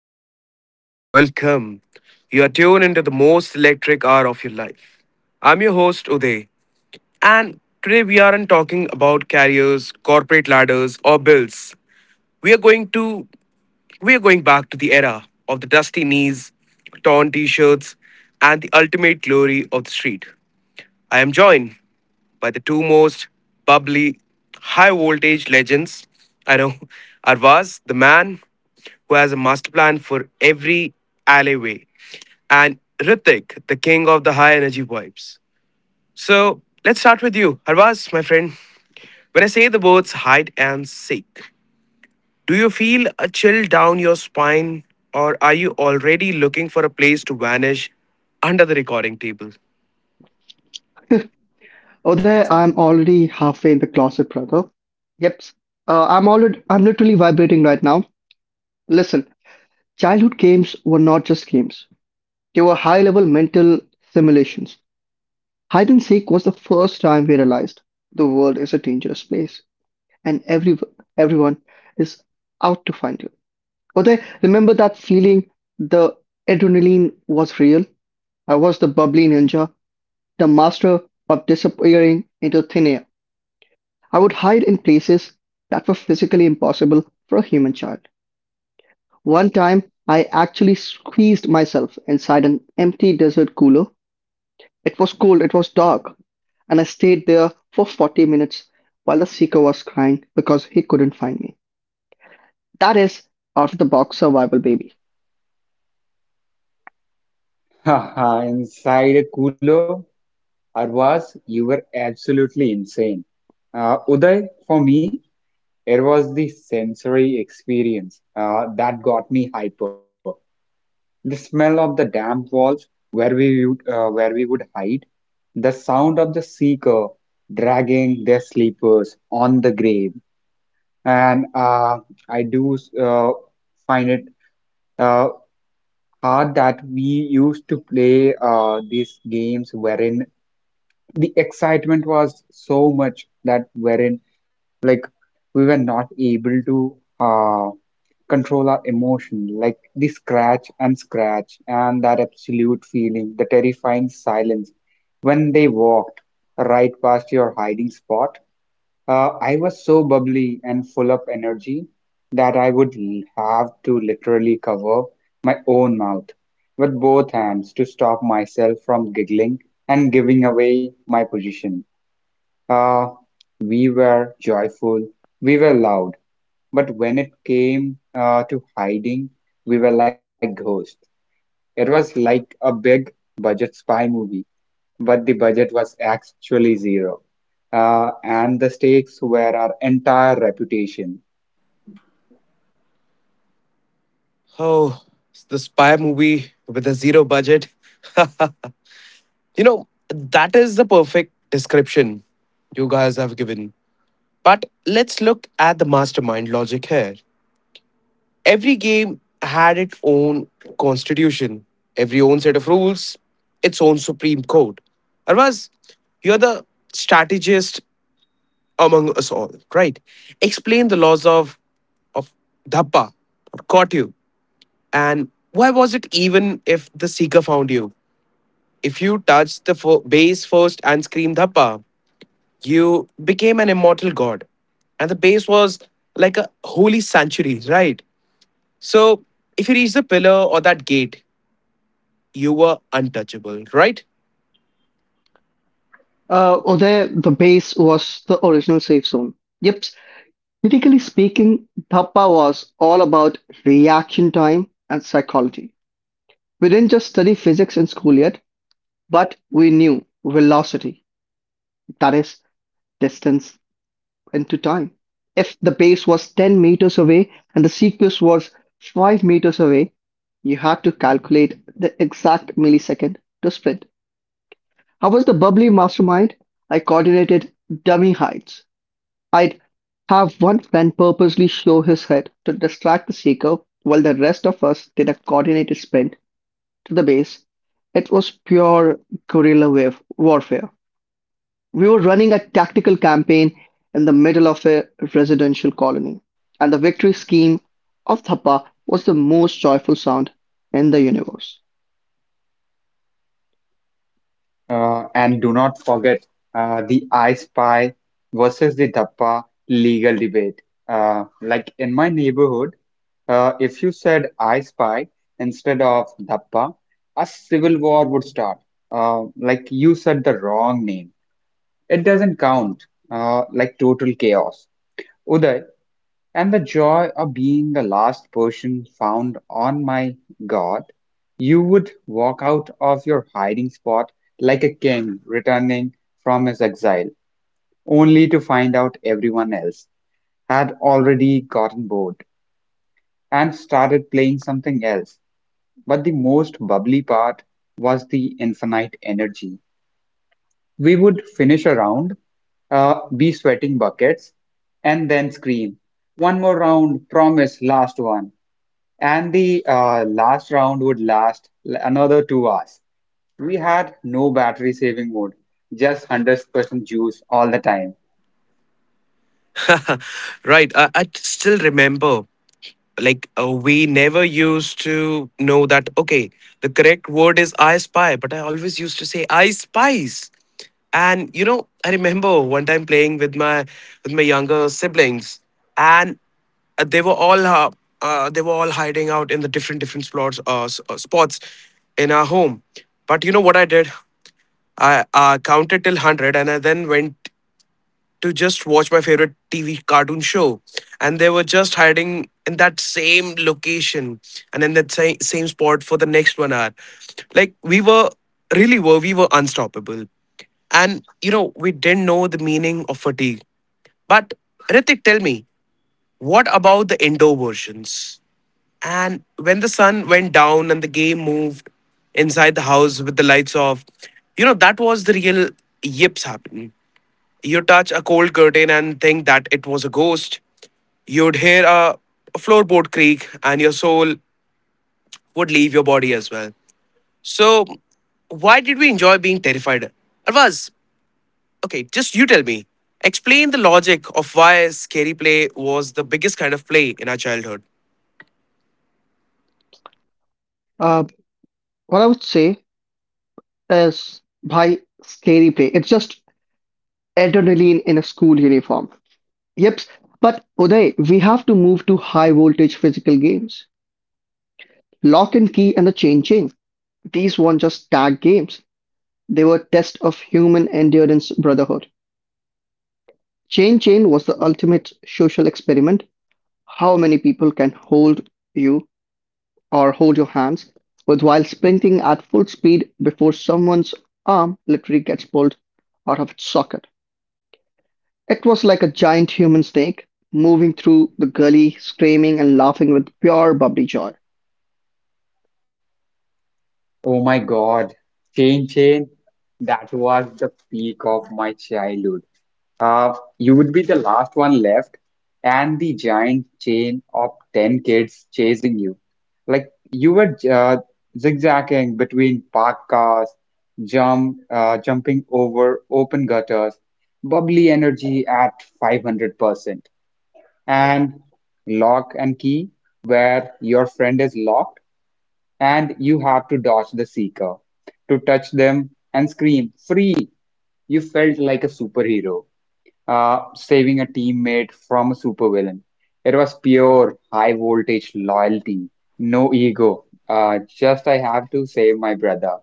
welcome, welcome, welcome. You are tuned into the most electric hour of your life. I'm your host, Uday, and today we aren't talking about carriers, corporate ladders, or bills. We are going to we are going back to the era of the dusty knees, torn t-shirts, and the ultimate glory of the street. I am joined by the two most bubbly, high voltage legends. I know. Arvaz, the man who has a master plan for every alleyway, and Ritik, the king of the high energy vibes. So let's start with you, Arvaz, my friend. When I say the words hide and seek, do you feel a chill down your spine, or are you already looking for a place to vanish under the recording table? Oh, there, I'm already halfway in the closet, brother. Yep, I'm literally vibrating right now. Listen, childhood games were not just games; they were high-level mental simulations. Hide and seek was the first time we realized the world is a dangerous place, and everyone is out to find you. Oh, there, remember that feeling? The adrenaline was real. I was the bubbly ninja, the master of disappearing into thin air. I would hide in places that were physically impossible for a human child. One time, I actually squeezed myself inside an empty desert cooler. It was cold, it was dark, and I stayed there for 40 minutes while the seeker was crying because he couldn't find me. That is out of the box survival, baby. Haha, inside a cooler, Arvaz, you were absolutely insane. Uday, for me, it was the sensory experience that got me hyper. The smell of the damp walls where we would hide, the sound of the seeker dragging their sleepers on the grave, and I do find it uh, hard that we used to play these games wherein the excitement was so much that wherein like we were not able to control our emotion, like the scratch and scratch, and that absolute feeling, the terrifying silence when they walked right past your hiding spot. I was so bubbly and full of energy that I would have to literally cover my own mouth with both hands to stop myself from giggling and giving away my position. Uh, we were joyful, we were loud, but when it came to hiding, we were like ghosts. It was like a big budget spy movie, but the budget was actually zero. And the stakes were our entire reputation. Oh, it's the spy movie with a zero budget. That is the perfect description you guys have given. But let's look at the mastermind logic here. Every game had its own constitution, every own set of rules, its own supreme code. Arvaz, you're the strategist among us all, right? Explain the laws of Dhappa. Got you. And why was it even if the seeker found you? If you touched the bass first and screamed Dappa, you became an immortal god. And the base was like a holy sanctuary, right? So if you reached the pillar or that gate, you were untouchable, right? Uday, the base was the original safe zone. Yep, critically speaking, Thapa was all about reaction time and psychology. We didn't just study physics in school yet, but we knew velocity, that is distance into time. If the base was 10 meters away and the sequence was 5 meters away, you have to calculate the exact millisecond to split. I was the bubbly mastermind. I coordinated dummy heights. I'd have one friend purposely show his head to distract the seeker while the rest of us did a coordinated sprint to the base. It was pure guerrilla wave warfare. We were running a tactical campaign in the middle of a residential colony, and the victory scheme of Thappa was the most joyful sound in the universe. And do not forget the I Spy versus the Dappa legal debate. Like in my neighborhood, if you said I Spy instead of Dappa, a civil war would start. Like you said the wrong name, it doesn't count. Like total chaos. Uday. And the joy of being the last person found, on my god, you would walk out of your hiding spot like a king returning from his exile, only to find out everyone else had already gotten bored and started playing something else. But the most bubbly part was the infinite energy. We would finish a round, be sweating buckets, and then scream, "One more round, promise, last one." And the last round would last another 2 hours. We had no battery saving mode, just 100% juice all the time. Right. I still remember. Like we never used to know that okay the correct word is I spy, but I always used to say I spies. And you know, I remember one time playing with my younger siblings. And uh, they were all uh, they were all hiding out in the different spots spots in our home. But you know what I did? I counted till 100 and I then went to just watch my favorite TV cartoon show. And they were just hiding in that same location and in that same spot for the next 1 hour. Like we were unstoppable. And you know, we didn't know the meaning of fatigue. But Ritik, tell me, what about the indoor versions? And when the sun went down and the game moved inside the house with the lights off, you know, that was the real yips happening. You touch a cold curtain and think that it was a ghost. You'd hear a floorboard creak and your soul would leave your body as well. So, why did we enjoy being terrified? Arvaz, okay, just you tell me. Explain the logic of why scary play was the biggest kind of play in our childhood. Uh, what I would say is, "Bhai, scary play. It's just adrenaline in a school uniform." Yep, but Uday, we have to move to high voltage physical games. Lock and Key and the Chain Chain, these weren't just tag games, they were tests of human endurance brotherhood. Chain Chain was the ultimate social experiment. How many people can hold you or hold your hands with while sprinting at full speed before someone's arm literally gets pulled out of its socket? It was like a giant human snake moving through the gully, screaming and laughing with pure bubbly joy. Oh my God, chain chain, that was the peak of my childhood. Uh, you would the last one left, and the giant chain of 10 kids chasing you. Like you were zigzagging between parked cars, jumping over open gutters, bubbly energy at 500%, and lock and key, where your friend is locked, and you have to dodge the seeker. To touch them and scream, "Free," you felt like a superhero saving a teammate from a supervillain. It was pure high voltage loyalty, no ego. Just I have to save my brother.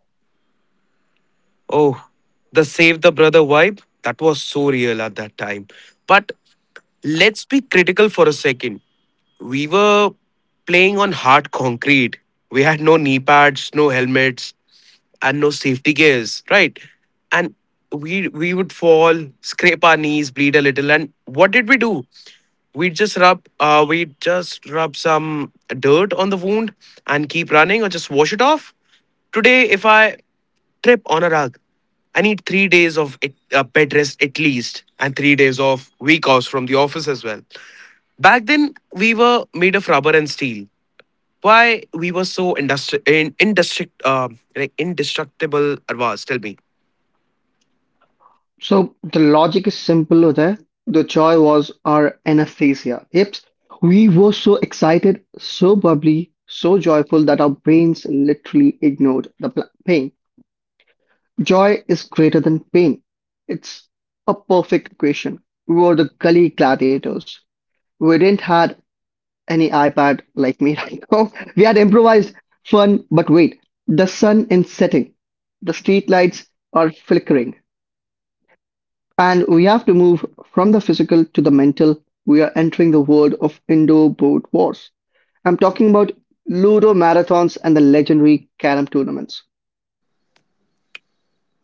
Oh, the Save the Brother vibe, that was so real at that time. But let's be critical for a second. We were playing on hard concrete. We had no knee pads, no helmets, and no safety gears, right? And we would fall, scrape our knees, bleed a little, and what did we do? We just rub we just rub some dirt on the wound and keep running, or just wash it off. Today if I trip on a Anurag, I need 3 days of it, bed rest at least, and 3 days of week offs from the office as well. Back then, we were made of rubber and steel. Why we were so like indestructible, Arvaz? Tell me. So the logic is simple, Uday. The joy was our anesthesia. Yep. We were so excited, so bubbly, so joyful that our brains literally ignored the pain. Joy is greater than pain. It's a perfect equation. We were the gully gladiators. We didn't had any iPad like me right now. We had improvised fun, but wait, the sun is setting. The streetlights are flickering. And we have to move from the physical to the mental. We are entering the world of indoor board wars. I'm talking about Ludo marathons and the legendary carom tournaments.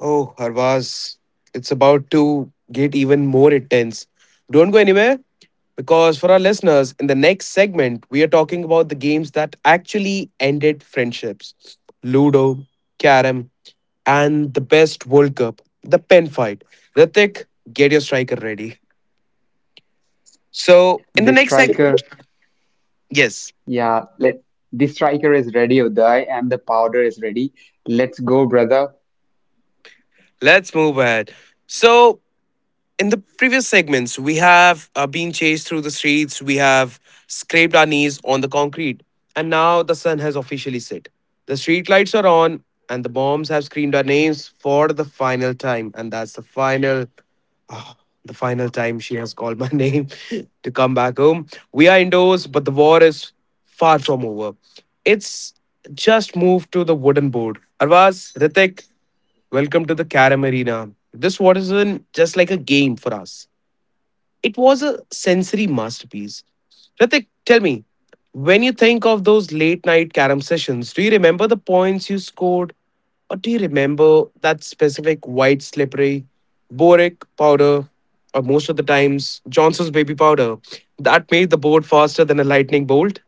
Oh, Harvaz, it's about to get even more intense. Don't go anywhere because for our listeners, in the next segment, we are talking about the games that actually ended friendships: Ludo, Carom, and the best World Cup, the pen fight. Ritik, get your striker ready. So, in the The next seg, striker, yes, yeah, let the striker is ready, Uday, and the powder is ready. Let's go, brother. let's move ahead. So, in the previous segments, we have been chased through the streets, we have scraped our knees on the concrete, and now the sun has officially set. The street lights are on, and the bombs have screamed our names for the final time. And that's the final, ah, the final time she has called my name to come back home. We are indoors, but the war is far from over. It's just moved to the wooden board. Arvaz, Ritik, welcome to the Karam Arena. This war isn't just like a game for us. It was a sensory masterpiece. Ritik, tell me, when you think of those late night carom sessions, do you remember the points you scored? Or do you remember that specific white slippery boric powder, or most of the times Johnson's baby powder, that made the board faster than a lightning bolt?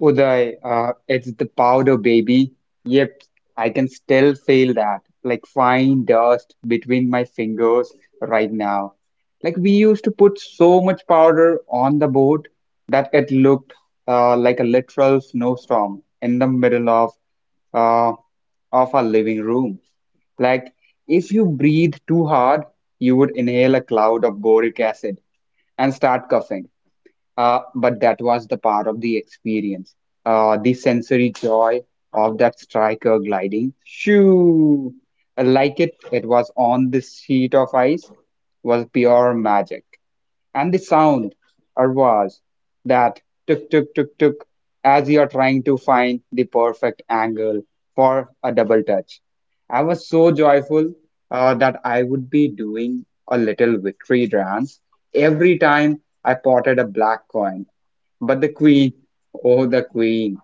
Uday, it's the powder baby. Yep, I can still feel that, like fine dust between my fingers right now. Like we used to put so much powder on the boat that it looked like a literal snowstorm in the middle of uh, of our living room. Like if you breathe too hard, you would inhale a cloud of boric acid and start coughing. But that was the part of the experience. The sensory joy of that striker gliding. Shoo! Like it was on this sheet of ice, was pure magic. And the sound or was that tuk tuk tuk tuk as you are trying to find the perfect angle for a double touch. I was so joyful that I would be doing a little victory dance every time I potted a black coin. But the queen, oh, the queen,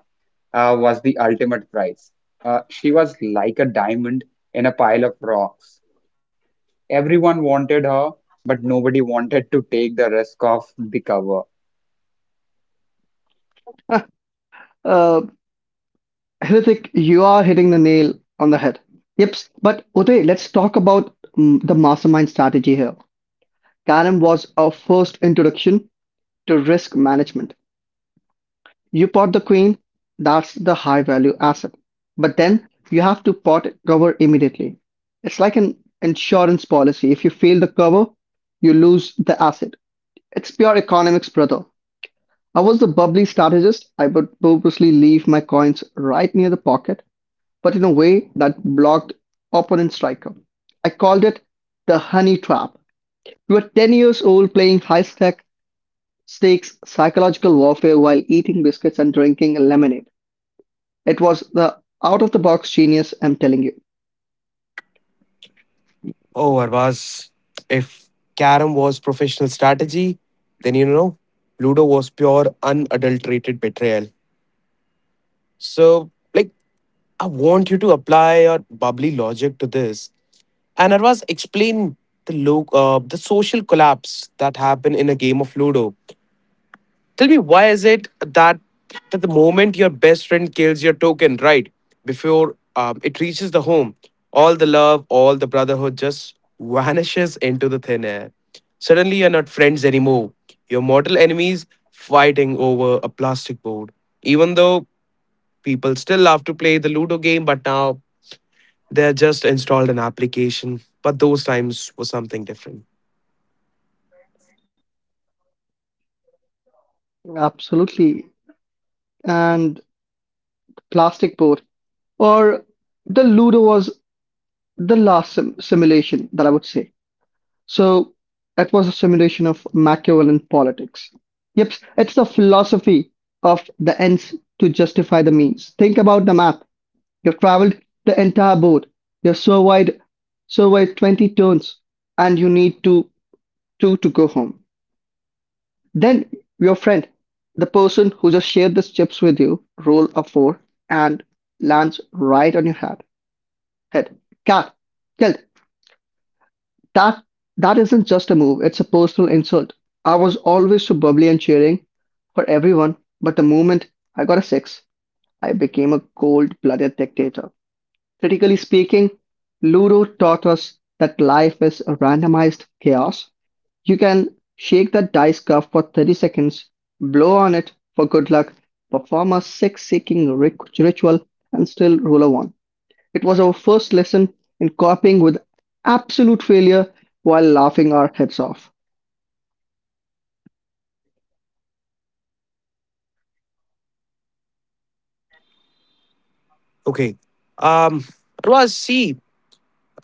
was the ultimate prize. She was like a diamond in a pile of rocks. Everyone wanted her, but nobody wanted to take the risk of the cover. Uh, Hrithik, you are hitting the nail on the head. Yep, but Uday, let's talk about the mastermind strategy here. Karam was our first introduction to risk management. You pot the queen, that's the high value asset. But then you have to pot cover immediately. It's like an insurance policy. If you fail the cover, you lose the asset. It's pure economics, brother. I was the bubbly strategist. I would purposely leave my coins right near the pocket but in a way that blocked opponent striker. I called it the honey trap. We were 10 years old playing high stakes psychological warfare while eating biscuits and drinking lemonade. It was the out of the box genius, I'm telling you. Oh, Arvaz, if carom was professional strategy, then you know, Ludo was pure unadulterated betrayal. So, like, I want you to apply your bubbly logic to this. And Arvaz, explain the the social collapse that happen in a game of Ludo. Tell me, why is it that the moment your best friend kills your token, right, before it reaches the home, all the love, all the brotherhood just vanishes into the thin air. Suddenly, you're not friends anymore. Your mortal enemies fighting over a plastic board. Even though people still love to play the Ludo game, but now they just installed an application, but those times were something different. Absolutely. And plastic board or the Ludo was the last simulation that I would say. So that was a simulation of Machiavellian politics. Yep, it's the philosophy of the ends to justify the means. Think about the map. You've traveled the entire board. You've surveyed, surveyed 20 turns and you need to two to go home. Then your friend, the person who just shared the chips with you, roll a four and lands right on your head. Head. Cat. Killed. That that isn't just a move, it's a personal insult. I was always so bubbly and cheering for everyone, but the moment I got a six, I became a cold-blooded dictator. Critically speaking, Ludo taught us that life is a randomized chaos. You can shake that dice cup for 30 seconds, blow on it for good luck, perform a ritual, and still roll a one. It was our first lesson in coping with absolute failure while laughing our heads off. Okay. Um, it was. See,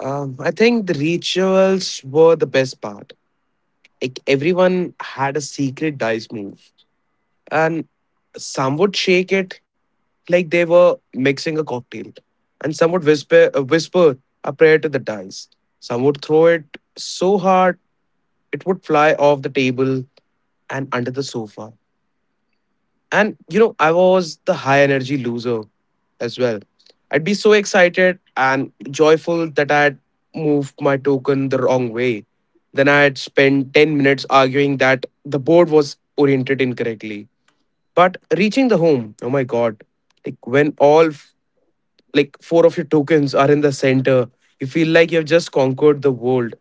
I think the rituals were the best part. Like everyone had a secret dice move, and some would shake it like they were mixing a cocktail, and some would whisper, whisper a prayer to the dice. Some would throw it so hard it would fly off the table and under the sofa. And you know, I was the high energy loser as well. I'd be so excited and joyful that I'd moved my token the wrong way. Then I'd spend 10 minutes arguing that the board was oriented incorrectly. But reaching the home, oh my god, like when like four of your tokens are in the center, you feel like you've just conquered the world.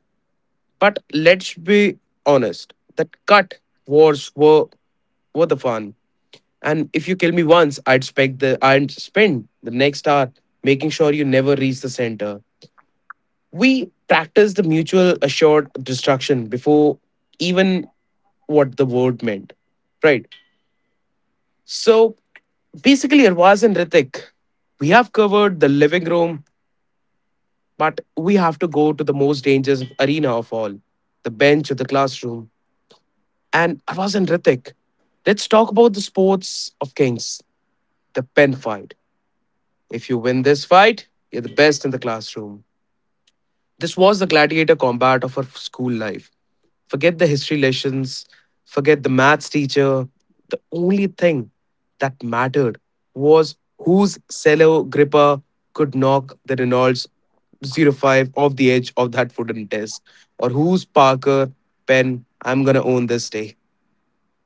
But let's be honest, that cut wars were the fun. And if you kill me once, I'd spend the next hour making sure you never reach the center. We practice the mutual assured destruction before even what the word meant. Right. So basically Arvaz and Ritik, we have covered the living room, but we have to go to the most dangerous arena of all, the bench or the classroom. And Arvaz and Ritik, let's talk about the sports of kings, the pen fight. If you win this fight, you're the best in the classroom. This was the gladiator combat of her school life. Forget the history lessons, forget the maths teacher. The only thing that mattered was whose cello gripper could knock the Reynolds 05 off the edge of that wooden desk, or whose Parker pen I'm gonna own this day.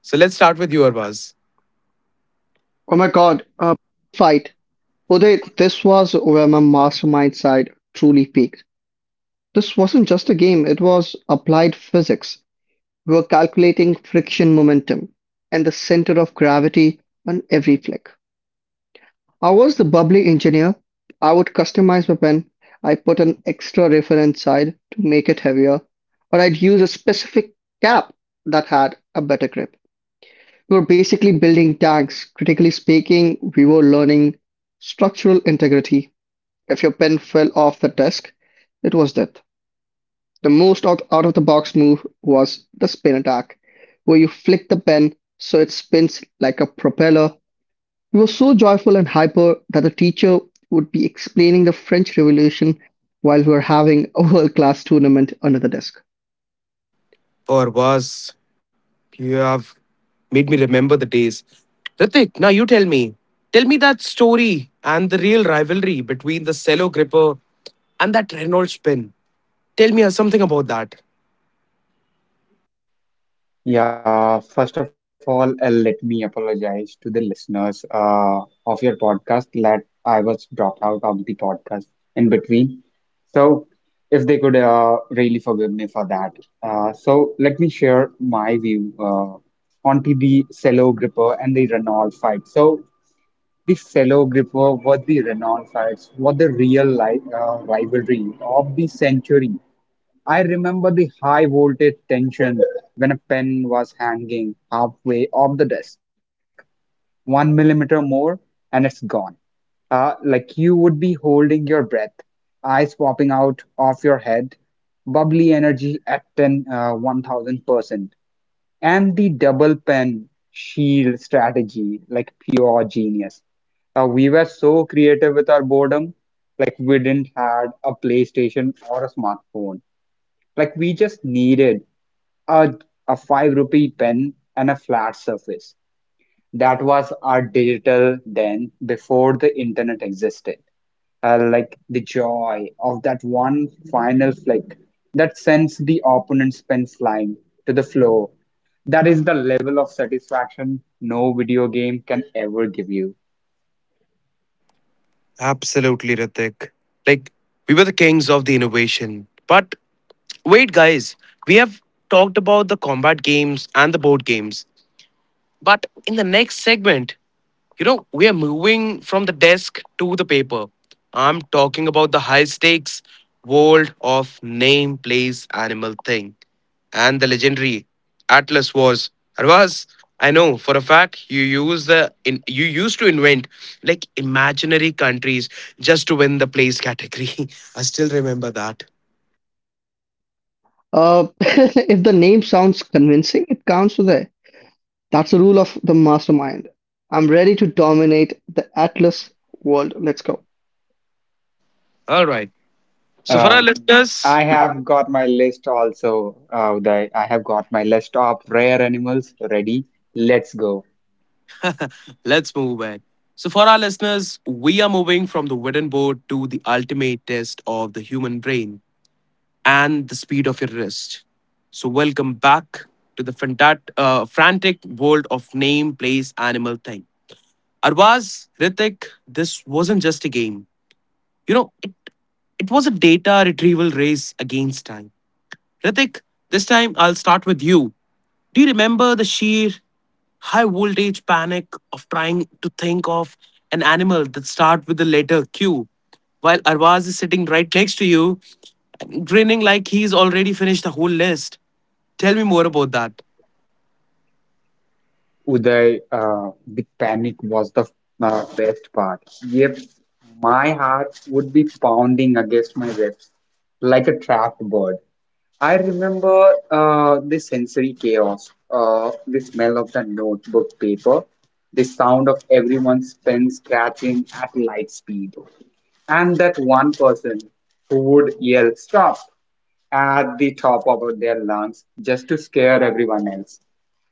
So let's start with you, Arbaz. Oh my God, a fight. Uday, this was where my mastermind side truly peaked. This wasn't just a game, it was applied physics. We were calculating friction momentum and the center of gravity on every flick. I was the bubbly engineer. I would customize my pen. I put an extra reference side to make it heavier, or I'd use a specific cap that had a better grip. We were basically building tanks. Critically speaking, we were learning structural integrity. If your pen fell off the desk, it was death. The most out of the box move was the spin attack, where you flick the pen so it spins like a propeller. He was so joyful and hyper that the teacher would be explaining the French Revolution while we were having a world class tournament under the desk. Oh, Arbaz, you have made me remember the days. Ritik, now you tell me. Tell me that story and the real rivalry between the cello gripper and that Renault spin. Tell me something about that. Yeah, first of all, let me apologize to the listeners of your podcast that I was dropped out of the podcast in between. So, if they could really forgive me for that. So, let me share my view onto the Cello Gripper and the Renault fight. So, the Cello Gripper was the Renault fights, was the real life rivalry of the century. I remember the high voltage tension when a pen was hanging halfway off the desk. One millimeter more and it's gone. Like you would be holding your breath, eyes popping out of your head, bubbly energy at 1000%. And the double pen shield strategy, like pure genius. We were so creative with our boredom, like we didn't had a PlayStation or a smartphone. Like we just needed a, a five rupee pen and a flat surface. That was our digital then before the internet existed. Like the joy of that one final flick that sends the opponent's pen flying to the floor. That is the level of satisfaction no video game can ever give you. Absolutely, Ritik. Like, we were the kings of the innovation. But wait, guys, we have talked about the combat games and the board games. But in the next segment, you know, we are moving from the desk to the paper. I'm talking about the high stakes world of name, place, animal, thing, and the legendary Atlas Wars. Arvaz, I know for a fact you you used to invent like imaginary countries just to win the place category. I still remember that. If the name sounds convincing, it counts for there. That's the rule of the mastermind. I'm ready to dominate the Atlas world. Let's go. All right. So for Uh, our listeners, I have got my list also. Uday. I have got my list of rare animals ready. Let's go. let's move ahead. So, for our listeners, we are moving from the wooden board to the ultimate test of the human brain and the speed of your wrist. So, welcome back to the frantic world of name, place, animal, thing. Arvaz, Ritik, this wasn't just a game. You know, it was a data retrieval race against time. Ritik, this time I'll start with you. Do you remember the sheer high voltage panic of trying to think of an animal that starts with the letter Q, while Arvaz is sitting right next to you, grinning like he's already finished the whole list. Tell me more about that. Uday, the panic was the best part. Yep, my heart would be pounding against my ribs like a trapped bird. I remember the sensory chaos, the smell of the notebook paper, the sound of everyone's pen scratching at light speed, and that one person who would yell stop at the top of their lungs just to scare everyone else.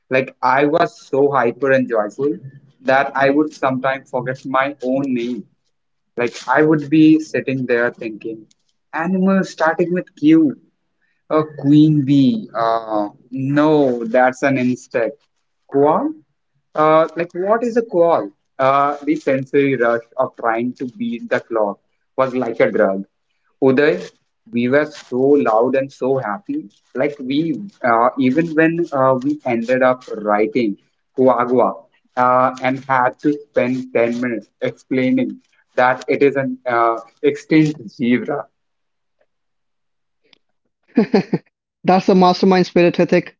Like I was so hyper and joyful that I would sometimes forget my own name. Like I would be sitting there thinking, animal starting with Q. A queen bee. No, that's an insect. Qual? What is a qual? The sensory rush of trying to beat the clock was like a drug. Uday, we were so loud and so happy. Like, we, even when we ended up writing Quagua and had to spend 10 minutes explaining that it is an extinct zebra. That's the mastermind spirit, ethic,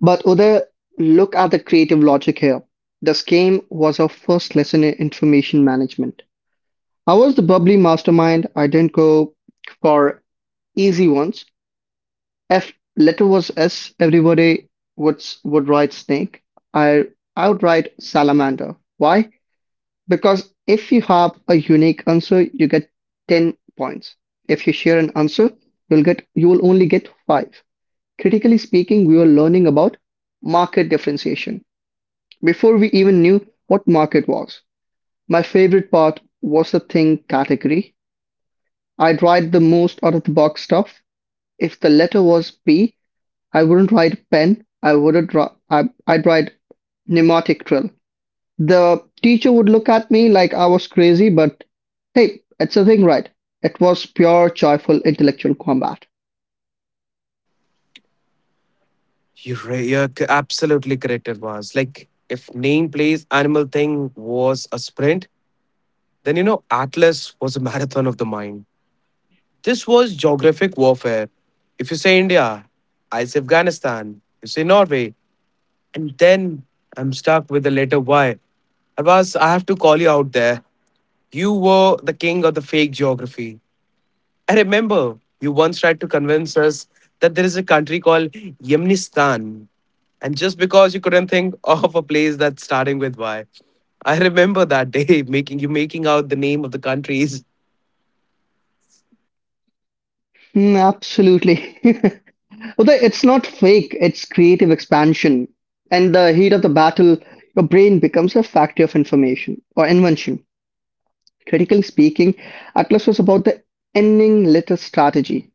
but Uday, look at the creative logic here. This game was our first lesson in information management. I was the bubbly mastermind. I didn't go for easy ones. F letter was S. Everybody would write snake. I I would write salamander. Why? Because if you have a unique answer, you get 10 points. If you share an answer, you will only get five. Critically speaking, we were learning about market differentiation before we even knew what market was. My favorite part was the thing category. I would write the most out of the box stuff. If the letter was P, I wouldn't write pen. I wouldn't. I'd write pneumatic drill. The teacher would look at me like I was crazy, but hey, it's a thing, right? It was pure, joyful intellectual combat. You're, right, you're c- Absolutely correct, Arvaz. Like, if name plays Animal Thing was a sprint, then you know Atlas was a marathon of the mind. This was geographic warfare. If you say India, I say Afghanistan. You say Norway, and then I'm stuck with the letter Y. Arvas, I have to call you out there. You were the king of the fake geography. I remember you once tried to convince us that there is a country called Yemenistan. And just because you couldn't think of a place that's starting with Y, I remember that day making you making out the name of the countries. Mm, absolutely. Although it's not fake, it's creative expansion. In the heat of the battle, your brain becomes a factory of information or invention. Critically speaking, Atlas was about the ending letter strategy.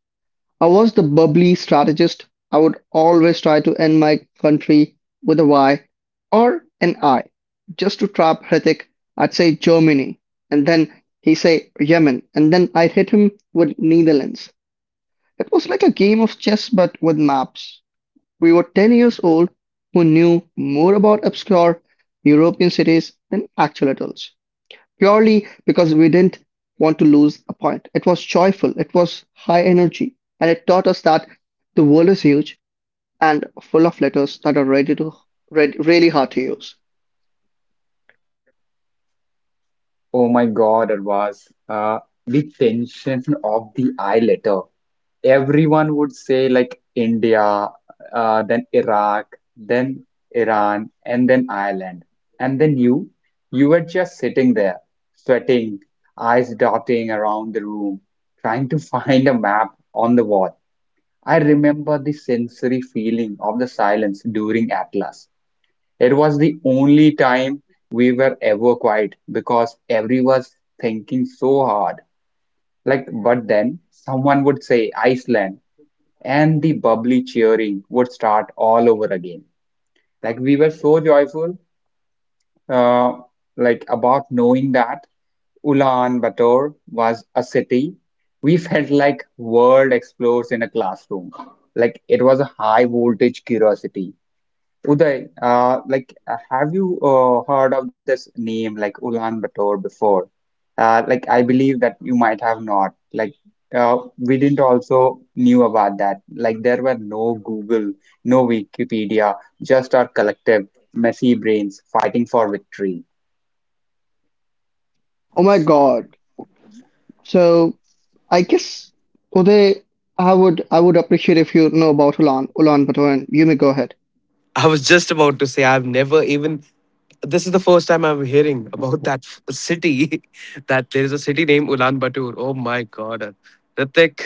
I was the bubbly strategist. I would always try to end my country with a Y or an I. Just to trap Hrithik, I'd say Germany, and then he would say Yemen, and then I'd hit him with Netherlands. It was like a game of chess but with maps. We were 10 years old who knew more about obscure European cities than actual adults purely because we didn't want to lose a point. It was joyful, it was high energy, and it taught us that the world is huge and full of letters that are ready to read, really hard to use. Oh my God, it was the tension of the I letter. Everyone would say like India, then Iraq, then Iran, and then Ireland. And then you were just sitting there, sweating, eyes darting around the room, trying to find a map on the wall. I remember the sensory feeling of the silence during Atlas. It was the only time we were ever quiet because everyone was thinking so hard. Like, but then someone would say Iceland, and the bubbly cheering would start all over again. Like we were so joyful, uh, like about knowing that Ulaanbaatar was a city. We felt like world explores in a classroom. Like it was a high voltage curiosity. Uday, have you heard of this name, like Ulaanbaatar, before? I believe that you might have not. We didn't also knew about that. Like, there were no Google, no Wikipedia, just our collective messy brains fighting for victory. Oh my God. So I guess Uday, I would appreciate if you know about Ulan Bator, you may go ahead. I was just about to say I've never even, this is the first time I'm hearing about that city, that there is a city named Ulaanbaatar. Oh my god. Ritik.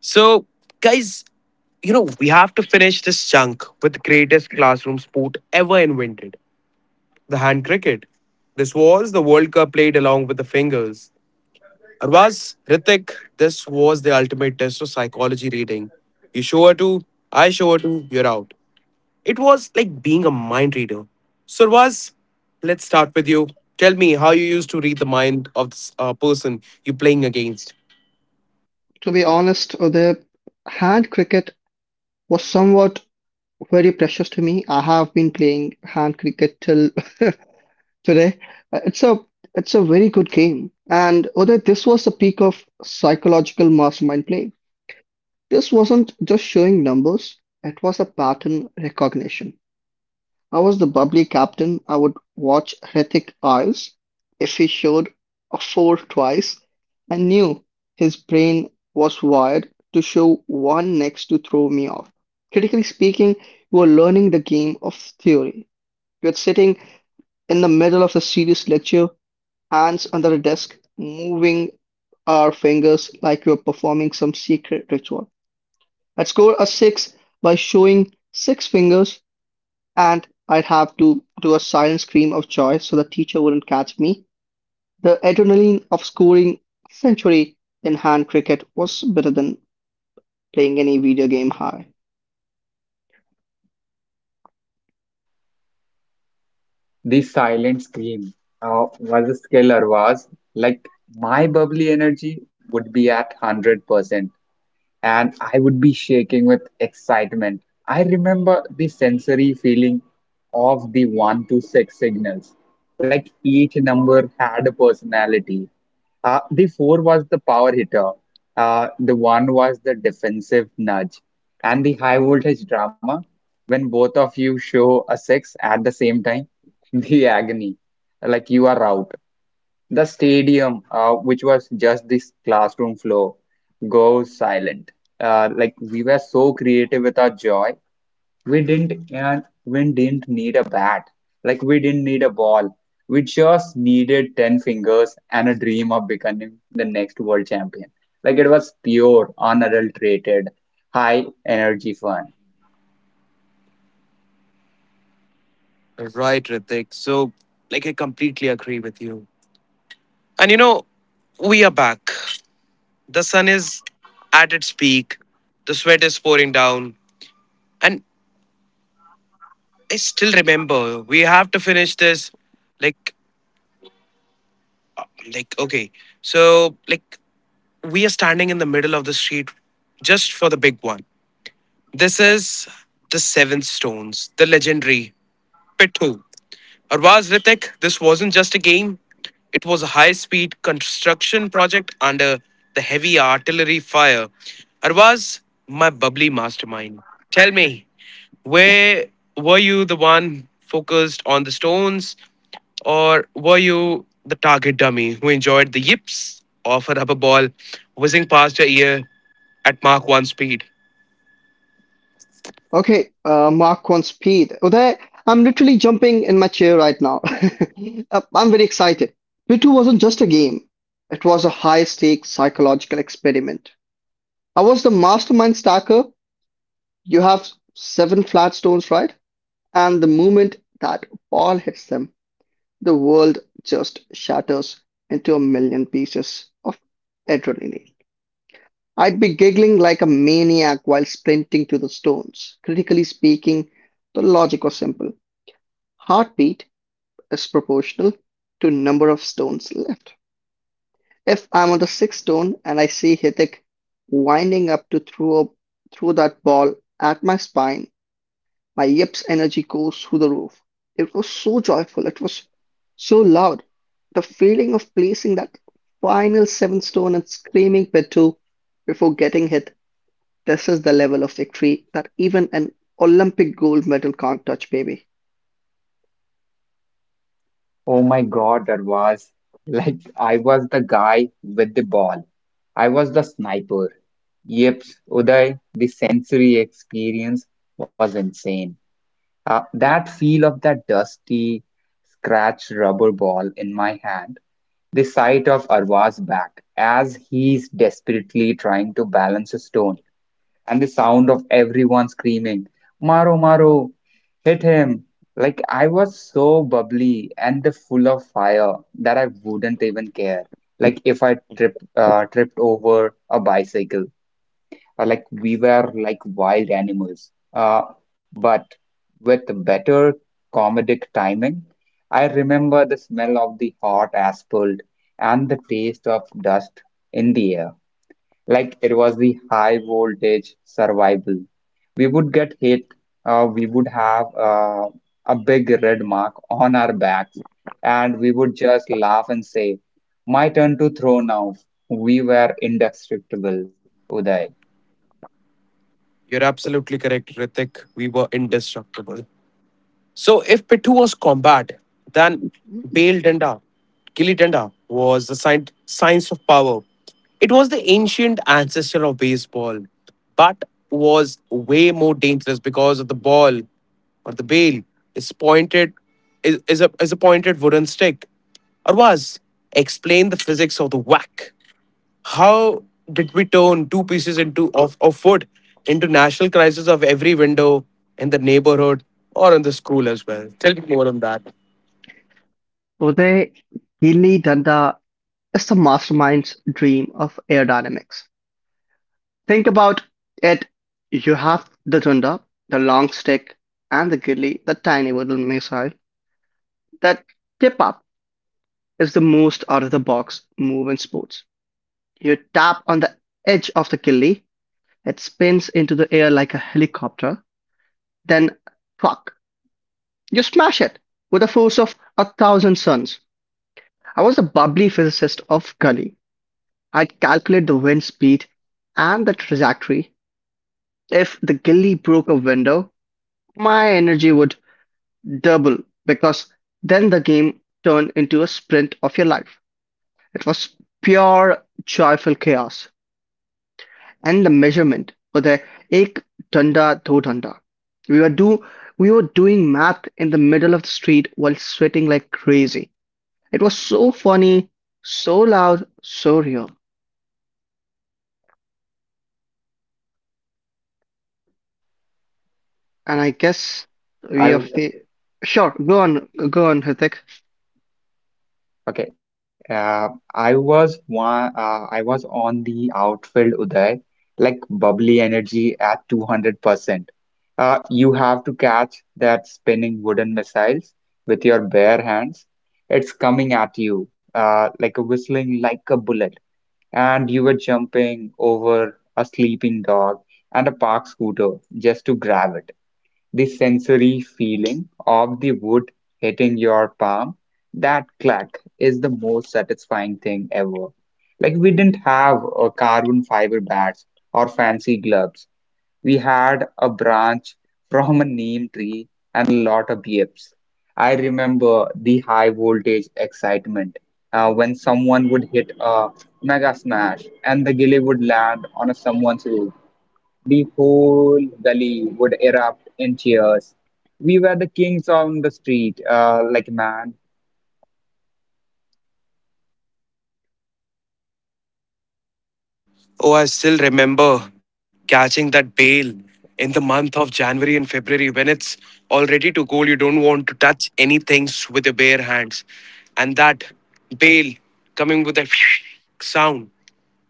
So guys, you know, we have to finish this chunk with the greatest classroom sport ever invented, the hand cricket. This was the World Cup played along with the fingers. Arvaz, Ritik, this was the ultimate test of psychology reading. You show her to, I show her to, you're out. It was like being a mind reader. Survaz, let's start with you. Tell me how you used to read the mind of this person you're playing against. To be honest, Uday, hand cricket was somewhat very precious to me. I have been playing hand cricket till today. Uh, It's a it's a very good game. And Uday, this was the peak of psychological mastermind play. This wasn't just showing numbers, it was a pattern recognition. I was the bubbly captain. I would watch Hrithik eyes. If he showed a four twice, I knew his brain was wired to show one next to throw me off. Critically speaking, you were learning the game of theory. You're sitting in the middle of a serious lecture hands under the desk, moving our fingers like we are performing some secret ritual. I'd score a six by showing six fingers, and I'd have to do a silent scream of joy so the teacher wouldn't catch me. The adrenaline of scoring a century in hand cricket was better than playing any video game high. The silent scream of Mrs. Keller was like my bubbly energy would be at 100% and I would be shaking with excitement. I remember the sensory feeling of the 1 to 6 signals. Like each number had a personality. The 4 was the power hitter, the 1 was the defensive nudge, and the high voltage drama when both of you show a 6 at the same time, the agony. Like you are out. The stadium, which was just this classroom floor, goes silent. Like we were so creative with our joy, we didn't need a bat. Like we didn't need a ball. We just needed 10 fingers and a dream of becoming the next world champion. Like it was pure, unadulterated, high energy fun. Right, Ritik. So, like, I completely agree with you. And you know, we are back. The sun is at its peak, the sweat is pouring down. And I still remember we have to finish this. Like, like okay. So, like, we are standing in the middle of the street just for the big one. This is the Seven Stones, the legendary Pithu. Arvaz, Ritik, this wasn't just a game, it was a high speed construction project under the heavy artillery fire. Arvaz, my bubbly mastermind, tell me, where were you the one focused on the stones, or were you the target dummy who enjoyed the yips of a rubber ball whizzing past your ear at Mach 1 speed? Okay, Mark one speed. Uday, I'm literally jumping in my chair right now. I'm very excited. Play 2 wasn't just a game, it was a high stakes psychological experiment. I was the mastermind stacker. You have seven flat stones, right? And the moment that ball hits them, the world just shatters into a million pieces of adrenaline. I'd be giggling like a maniac while sprinting to the stones. Critically speaking, the logic was simple. Heartbeat is proportional to number of stones left. If I'm on the sixth stone and I see Hithik winding up to throw that ball at my spine, my yips energy goes through the roof. It was so joyful. It was so loud. The feeling of placing that final seventh stone and screaming Pitu before getting hit. This is the level of victory that even an Olympic gold medal can't touch, baby. Oh my God, that was like I was the guy with the ball. I was the sniper. Yep, Uday, the sensory experience was insane. That feel of that dusty, scratched rubber ball in my hand, the sight of Arva's back as he's desperately trying to balance a stone and the sound of everyone screaming, "Maro, Maro, hit him." Like I was so bubbly and the full of fire that I wouldn't even care. Like if I tripped over a bicycle, or like we were like wild animals. But with better comedic timing, I remember the smell of the hot asphalt and the taste of dust in the air like it was the high voltage survival. We would get hit, we would have a big red mark on our backs, and we would just laugh and say, "My turn to throw now." We were indestructible, Uday. You're absolutely correct, Ritik. We were indestructible. So if Pithu was combat, then Bale Danda, Gilly Danda was the science of power. It was the ancient ancestor of baseball, but was way more dangerous because of the ball or the bale is pointed is a pointed wooden stick. Arwaz, explain the physics of the whack. How did we turn two pieces into of wood into national crisis of every window in the neighborhood or in the school as well? Tell me more on that. Uday, Gilli Danda is the mastermind's dream of aerodynamics. Think about it. You have the Dunda, the long stick, and the Gilli, the tiny little missile. That tip up is the most out of the box move in sports. You tap on the edge of the Gilli, it spins into the air like a helicopter. Then fuck, you smash it with the force of a thousand suns. I was a bubbly physicist of Gully. I'd calculate the wind speed and the trajectory. If the gilly broke a window, my energy would double because then the game turned into a sprint of your life. It was pure joyful chaos. And the measurement for the ek danda do danda. We were do we were doing math in the middle of the street while sweating like crazy. It was so funny, so loud, so real. And we are fa- I sure. Go on, Hrithik. Okay. I was one. I was on the outfield, Uday, like bubbly energy 200%. You have to catch that spinning wooden missiles with your bare hands. It's coming at you, like a whistling, like a bullet. And you were jumping over a sleeping dog and a park scooter just to grab it. The sensory feeling of the wood hitting your palm, that clack is the most satisfying thing ever. Like we didn't have carbon fiber bats or fancy gloves. We had a branch from a neem tree and a lot of yips. I remember the high voltage excitement when someone would hit a mega smash and the gilly would land on someone's roof. The whole gully would erupt in cheers. We were the kings on the street, like mad. Oh, I still remember catching that bale in the month of January and February when it's already to cold. You don't want to touch anything with your bare hands. And that bale coming with that sound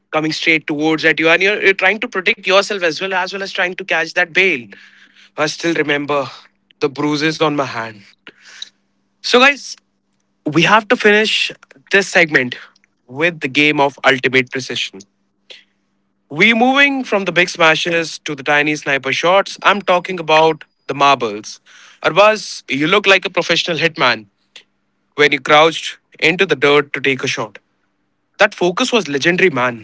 coming straight towards at you and you're trying to protect yourself as well as well as trying to catch that bale. I still remember the bruises on my hand. So guys, we have to finish this segment with the game of ultimate precision. We're moving from the big smashes to the tiny sniper shots. I'm talking about the marbles. Arbaz, you look like a professional hitman when you crouched into the dirt to take a shot. That focus was legendary, man.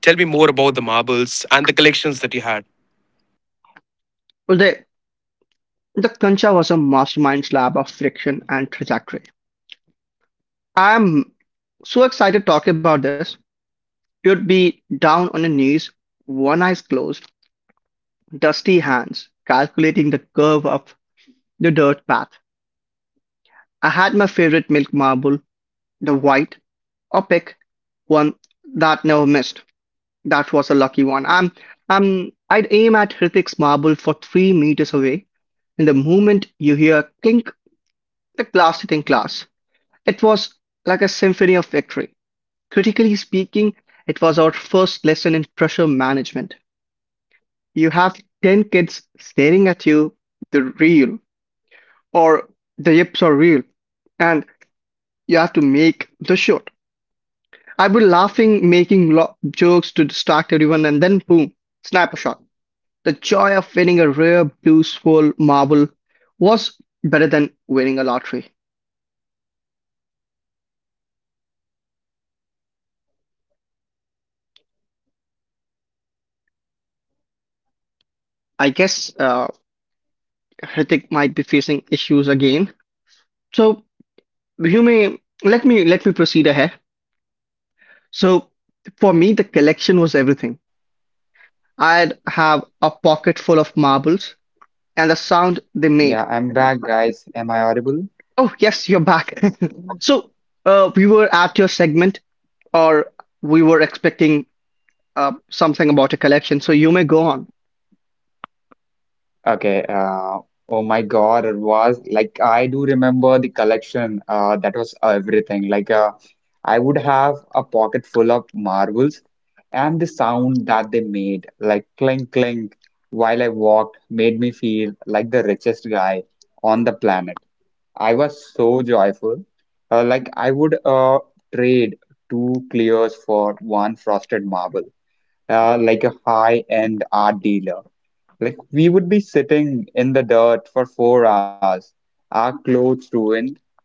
Tell me more about the marbles and the collections that you had. Well, the Kancha was a mastermind slab of friction and trajectory. I'm so excited talking about this. You'd be down on your knees, one eyes closed, dusty hands, calculating the curve of the dirt path. I had my favorite milk marble, the white, opaque one that never missed. That was a lucky one. I'd aim at Hrithik's marble for 3 meters away, and the moment you hear clink, the glass hit in glass. It was like a symphony of victory. Critically speaking, it was our first lesson in pressure management. You have 10 kids staring at you, the reel, or the yips are real, and you have to make the shot. I'd be laughing, making jokes to distract everyone, and then boom, snap a shot. The joy of winning a rare blue swirl marble was better than winning a lottery. Oh my God, the collection was everything, Arvaz. Yips. I would have a pocket I full guess of marbles. Hrithik might be facing issues again. So you may let me proceed ahead. So for me, the collection was everything. I'd have a pocket full of marbles and the sound they made. Yeah, I'm back, guys. Am I audible? Oh yes, you're back. So we were at your segment, or we were expecting something about a collection. So you may go on. Okay. Oh my God, it was like I do remember the collection. That was everything. Like, I would have a pocket full of marbles, and the sound that they made, like clink clink, while I walked, made me feel like the richest guy on the planet. I was so joyful. Like I would trade two clears for one frosted marble. Like a high-end art dealer. Like we would be sitting in the dirt for 4 hours, our clothes ruined,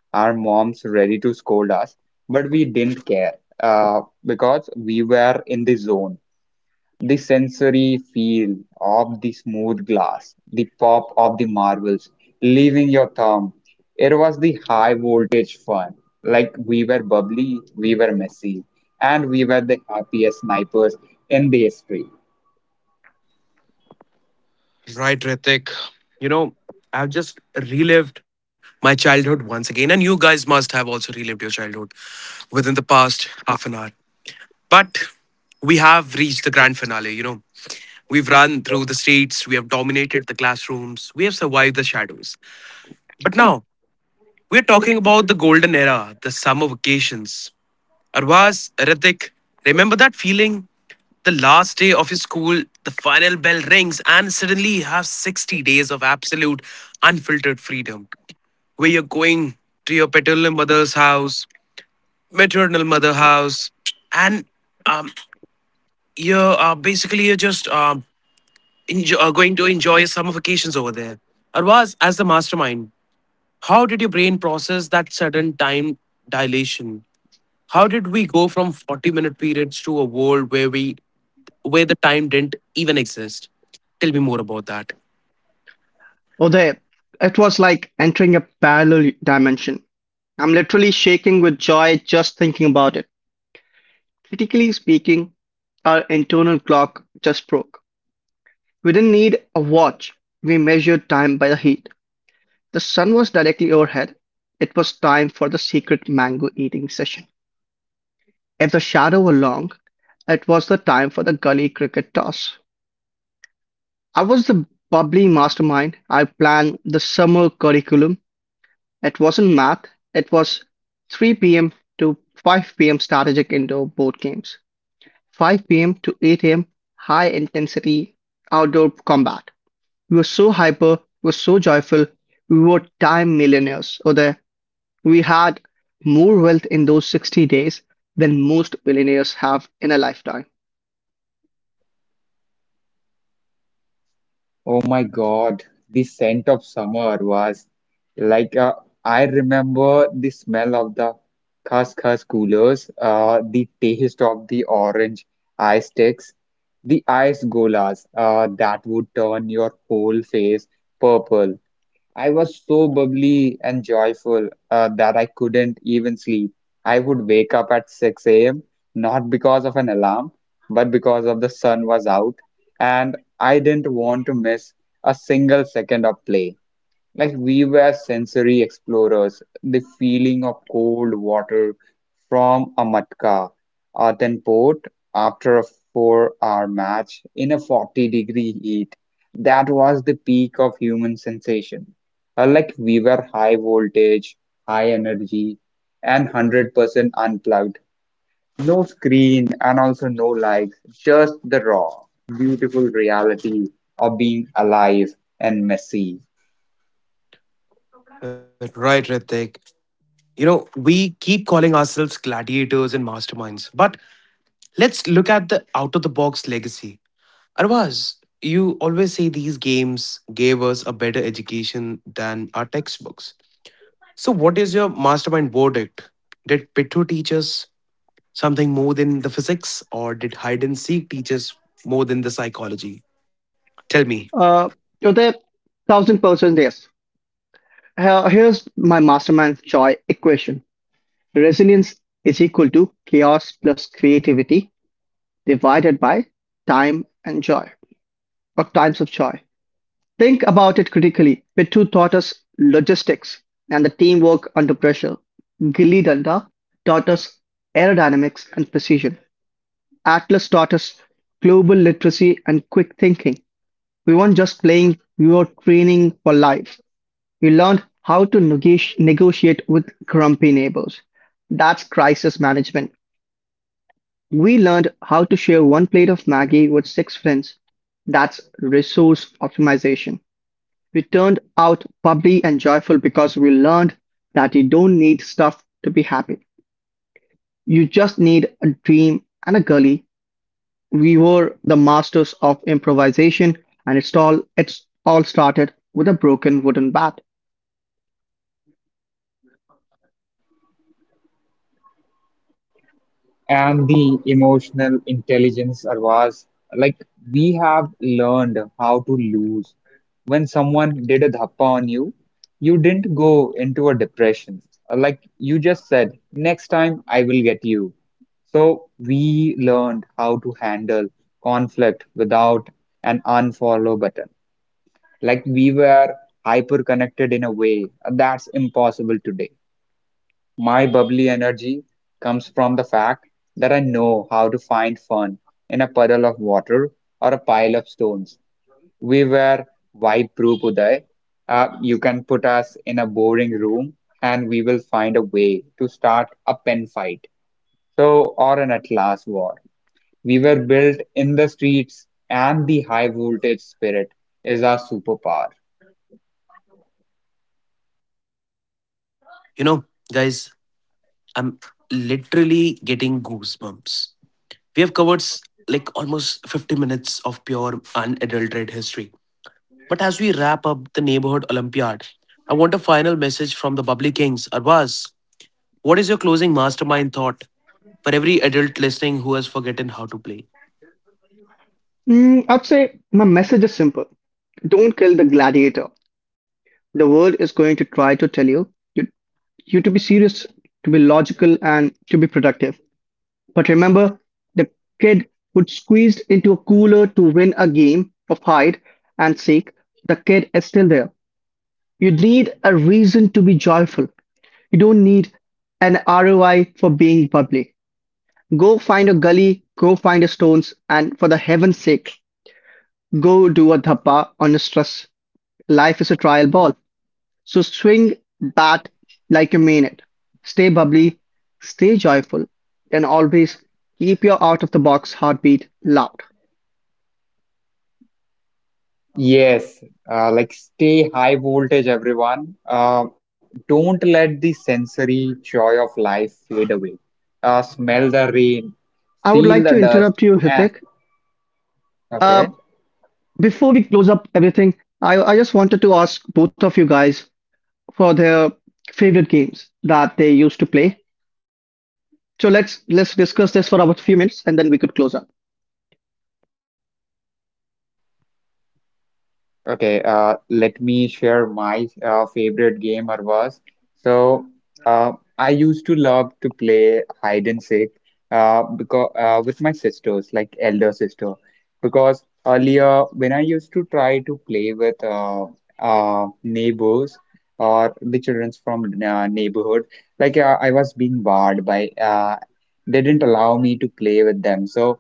our moms ready to scold us, but we didn't care because we were in the zone. The sensory feel of the smooth glass, the pop of the marbles leaving your thumb. It was the high voltage fun. Like we were bubbly, we were messy, and we were the happiest snipers in the history. Right, Ritik. You know, I've just relived my childhood once again, and you guys must have also relived your childhood within the past half an hour. But we have reached the grand finale, you know. We've run through the streets, we have dominated the classrooms, we have survived the shadows. But now, we're talking about the golden era, the summer vacations. Arvaz, Ritik, remember that feeling? The last day of your school, the final bell rings, and suddenly you have 60 days of absolute unfiltered freedom. Where you're going to your paternal mother's house, maternal mother house, and um, you're basically you're just enjoy, going to enjoy your summer vacations over there. Arvaz, as the mastermind, how did your brain process that sudden time dilation? How did we go from 40-minute periods to a world where we where the time didn't even exist. Tell me more about that. Oh, there. It was like entering a parallel dimension. I'm literally shaking with joy just thinking about it. Critically speaking, our internal clock just broke. We didn't need a watch. We measured time by the heat. The sun was directly overhead. It was time for the secret mango eating session. If the shadow were long, it was the time for the gully cricket toss. I was the bubbly mastermind. I planned the summer curriculum. It wasn't math, it was 3 p.m. to 5 p.m. strategic indoor board games, 5 p.m. to 8 a.m. high intensity outdoor combat. We were so hyper, we were so joyful, we were time millionaires. Or we had more wealth in those 60 days than most billionaires have in a lifetime. Oh my God, the scent of summer was like, I remember the smell of the Khas coolers, the taste of the orange ice sticks, the ice golas that would turn your whole face purple. I was so bubbly and joyful that I couldn't even sleep. I would wake up at 6 a.m., not because of an alarm, but because of the sun was out, and I didn't want to miss a single second of play. Like we were sensory explorers, the feeling of cold water from a matka, a then port after a 4-hour match in a 40-degree heat. That was the peak of human sensation. Like we were high voltage, high energy, and 100% unplugged. No screen and also no lights, just the raw, beautiful reality of being alive and messy. Right, Ritik. You know, we keep calling ourselves gladiators and masterminds, but let's look at the out of the box legacy. Arvaz, you always say these games gave us a better education than our textbooks. So, what is your mastermind verdict? Did Pitu teach us something more than the physics, or did hide and seek teach us more than the psychology? Tell me. Uh, so the 1000% yes. Here- Here's my mastermind joy equation. Resilience is equal to chaos plus creativity divided by time and joy, or times of joy. Think about it critically. Pitu taught us logistics and the teamwork under pressure. Gilly Danda taught us aerodynamics and precision. Atlas taught us global literacy and quick thinking. We weren't just playing, we were training for life. We learned how to negotiate with grumpy neighbors. That's crisis management. We learned how to share 1 plate of Maggie with 6 friends. That's resource optimization. We turned out bubbly and joyful because we learned that you don't need stuff to be happy. You just need a dream and a gully. We were the masters of improvisation and it's all started with a broken wooden bat. And the emotional intelligence or was, like, we have learned how to lose when someone did a dhappa on you. You didn't go into a depression, like you just said, next time I will get you. So we learned how to handle conflict without an unfollow button. Like we were hyper connected in a way that's impossible today. My bubbly energy comes from the fact that I know how to find fun in a puddle of water or a pile of stones. We were vibe proof, Uday. You can put us in a boring room and we will find a way to start a pen fight. So, or an Atlas war. We were built in the streets, and the high voltage spirit is our superpower. You know, guys, I'm literally getting goosebumps. We have covered like almost 50 minutes of pure unadulterated history. But as we wrap up the neighborhood Olympiad, I want a final message from the Bubbly Kings. Arvaz, what is your closing mastermind thought for every adult listening who has forgotten how to play? Mm, I'd say my message is simple. Don't kill the gladiator. The world is going to try to tell you you you to be serious, to be logical, and to be productive. But remember, the kid would squeeze into a cooler to win a game of hide and seek. The kid is still there. You need a reason to be joyful. You don't need an ROI for being bubbly. Go find a gully, go find a stones, and for the heaven's sake, go do a dhappa on a stress. Life is a trial ball. So swing bat like you mean it. Stay bubbly, stay joyful, and always keep your out of the box heartbeat loud. Yes, like stay high voltage, everyone. Don't let the sensory joy of life fade away. Smell the rain, I would feel like the to dust. interrupt you, Eh, Hithik. Uh, okay. Before we close up everything, I just wanted to ask both of you guys for their favorite games that they used to play. So let's discuss this for about a few minutes, and then we could close up. Okay, let me share my favorite game or was. So, uh, I used to love to play hide and seek, because with my sisters, like elder sister, because earlier when I used to try to play with neighbors or the childrens from neighborhood, like I was being barred by they didn't allow me to play with them. So.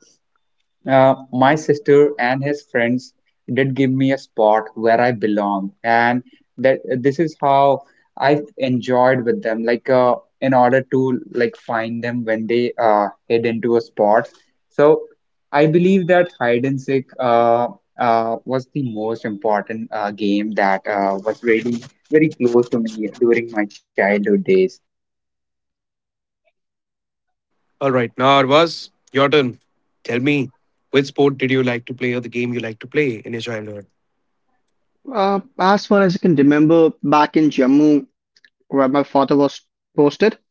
My sister and his friends did give me a spot where I belong, and that this is how I enjoyed with them. Like, in order to like find them when they head into a spot. So I believe that hide and seek was the most important game that was really very close to me during my childhood days. All right, now Arvaz, your turn. Tell me, which sport did you like to play, or the game you like to play in your childhood? As far as I can remember, back in Jammu, where my father was posted,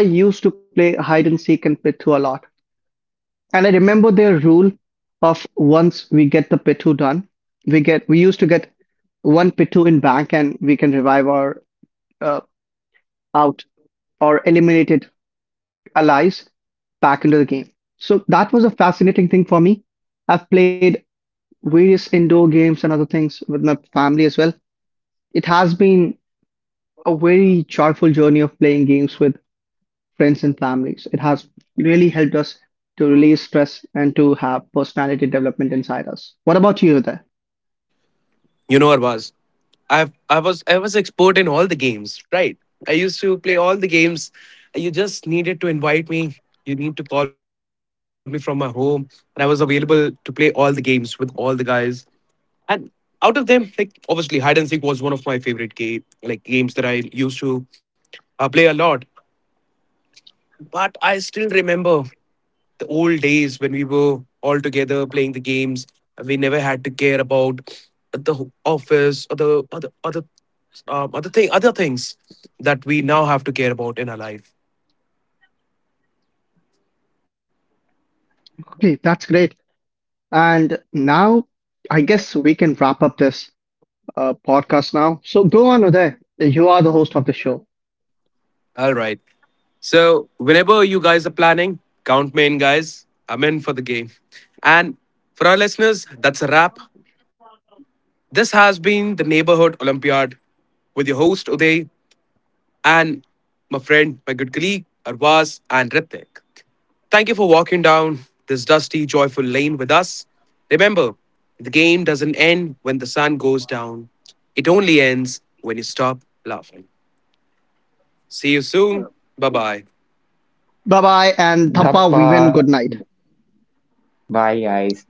I used to play hide and seek and Pitu a lot, and I remember their rule of once we get the Pitu done, we used to get one Pitu in bank and we can revive our uh, out or eliminated allies back into the game. So that was a fascinating thing for me. I've played various indoor games and other things with my family as well. It has been a very joyful journey of playing games with friends and families. It has really helped us to release stress and to have personality development inside us. What about you there? You know, Arvaz, I was expert in all the games, right? I used to play all the games. You just needed to invite me. You need to call me from my home, and I was available to play all the games with all the guys. And out of them, like obviously, hide and seek was one of my favorite games that I used to play a lot. But I still remember the old days when we were all together playing the games. We never had to care about the office or the other other thing other things that we now have to care about in our life. Okay, that's great. And now I guess we can wrap up this podcast now. So go on, Uday. You are the host of the show. All right. So whenever you guys are planning, count me in, guys. I'm in for the game. And for our listeners, that's a wrap. This has been the Neighborhood Olympiad with your host Uday and my friend, my good colleague Arvaz and Ritik. Thank you for walking down this dusty, joyful lane with us. Remember, the game doesn't end when the sun goes down, it only ends when you stop laughing. See you soon. Bye bye. Bye bye and thappa, Dappa, we win. Good night. bye guys.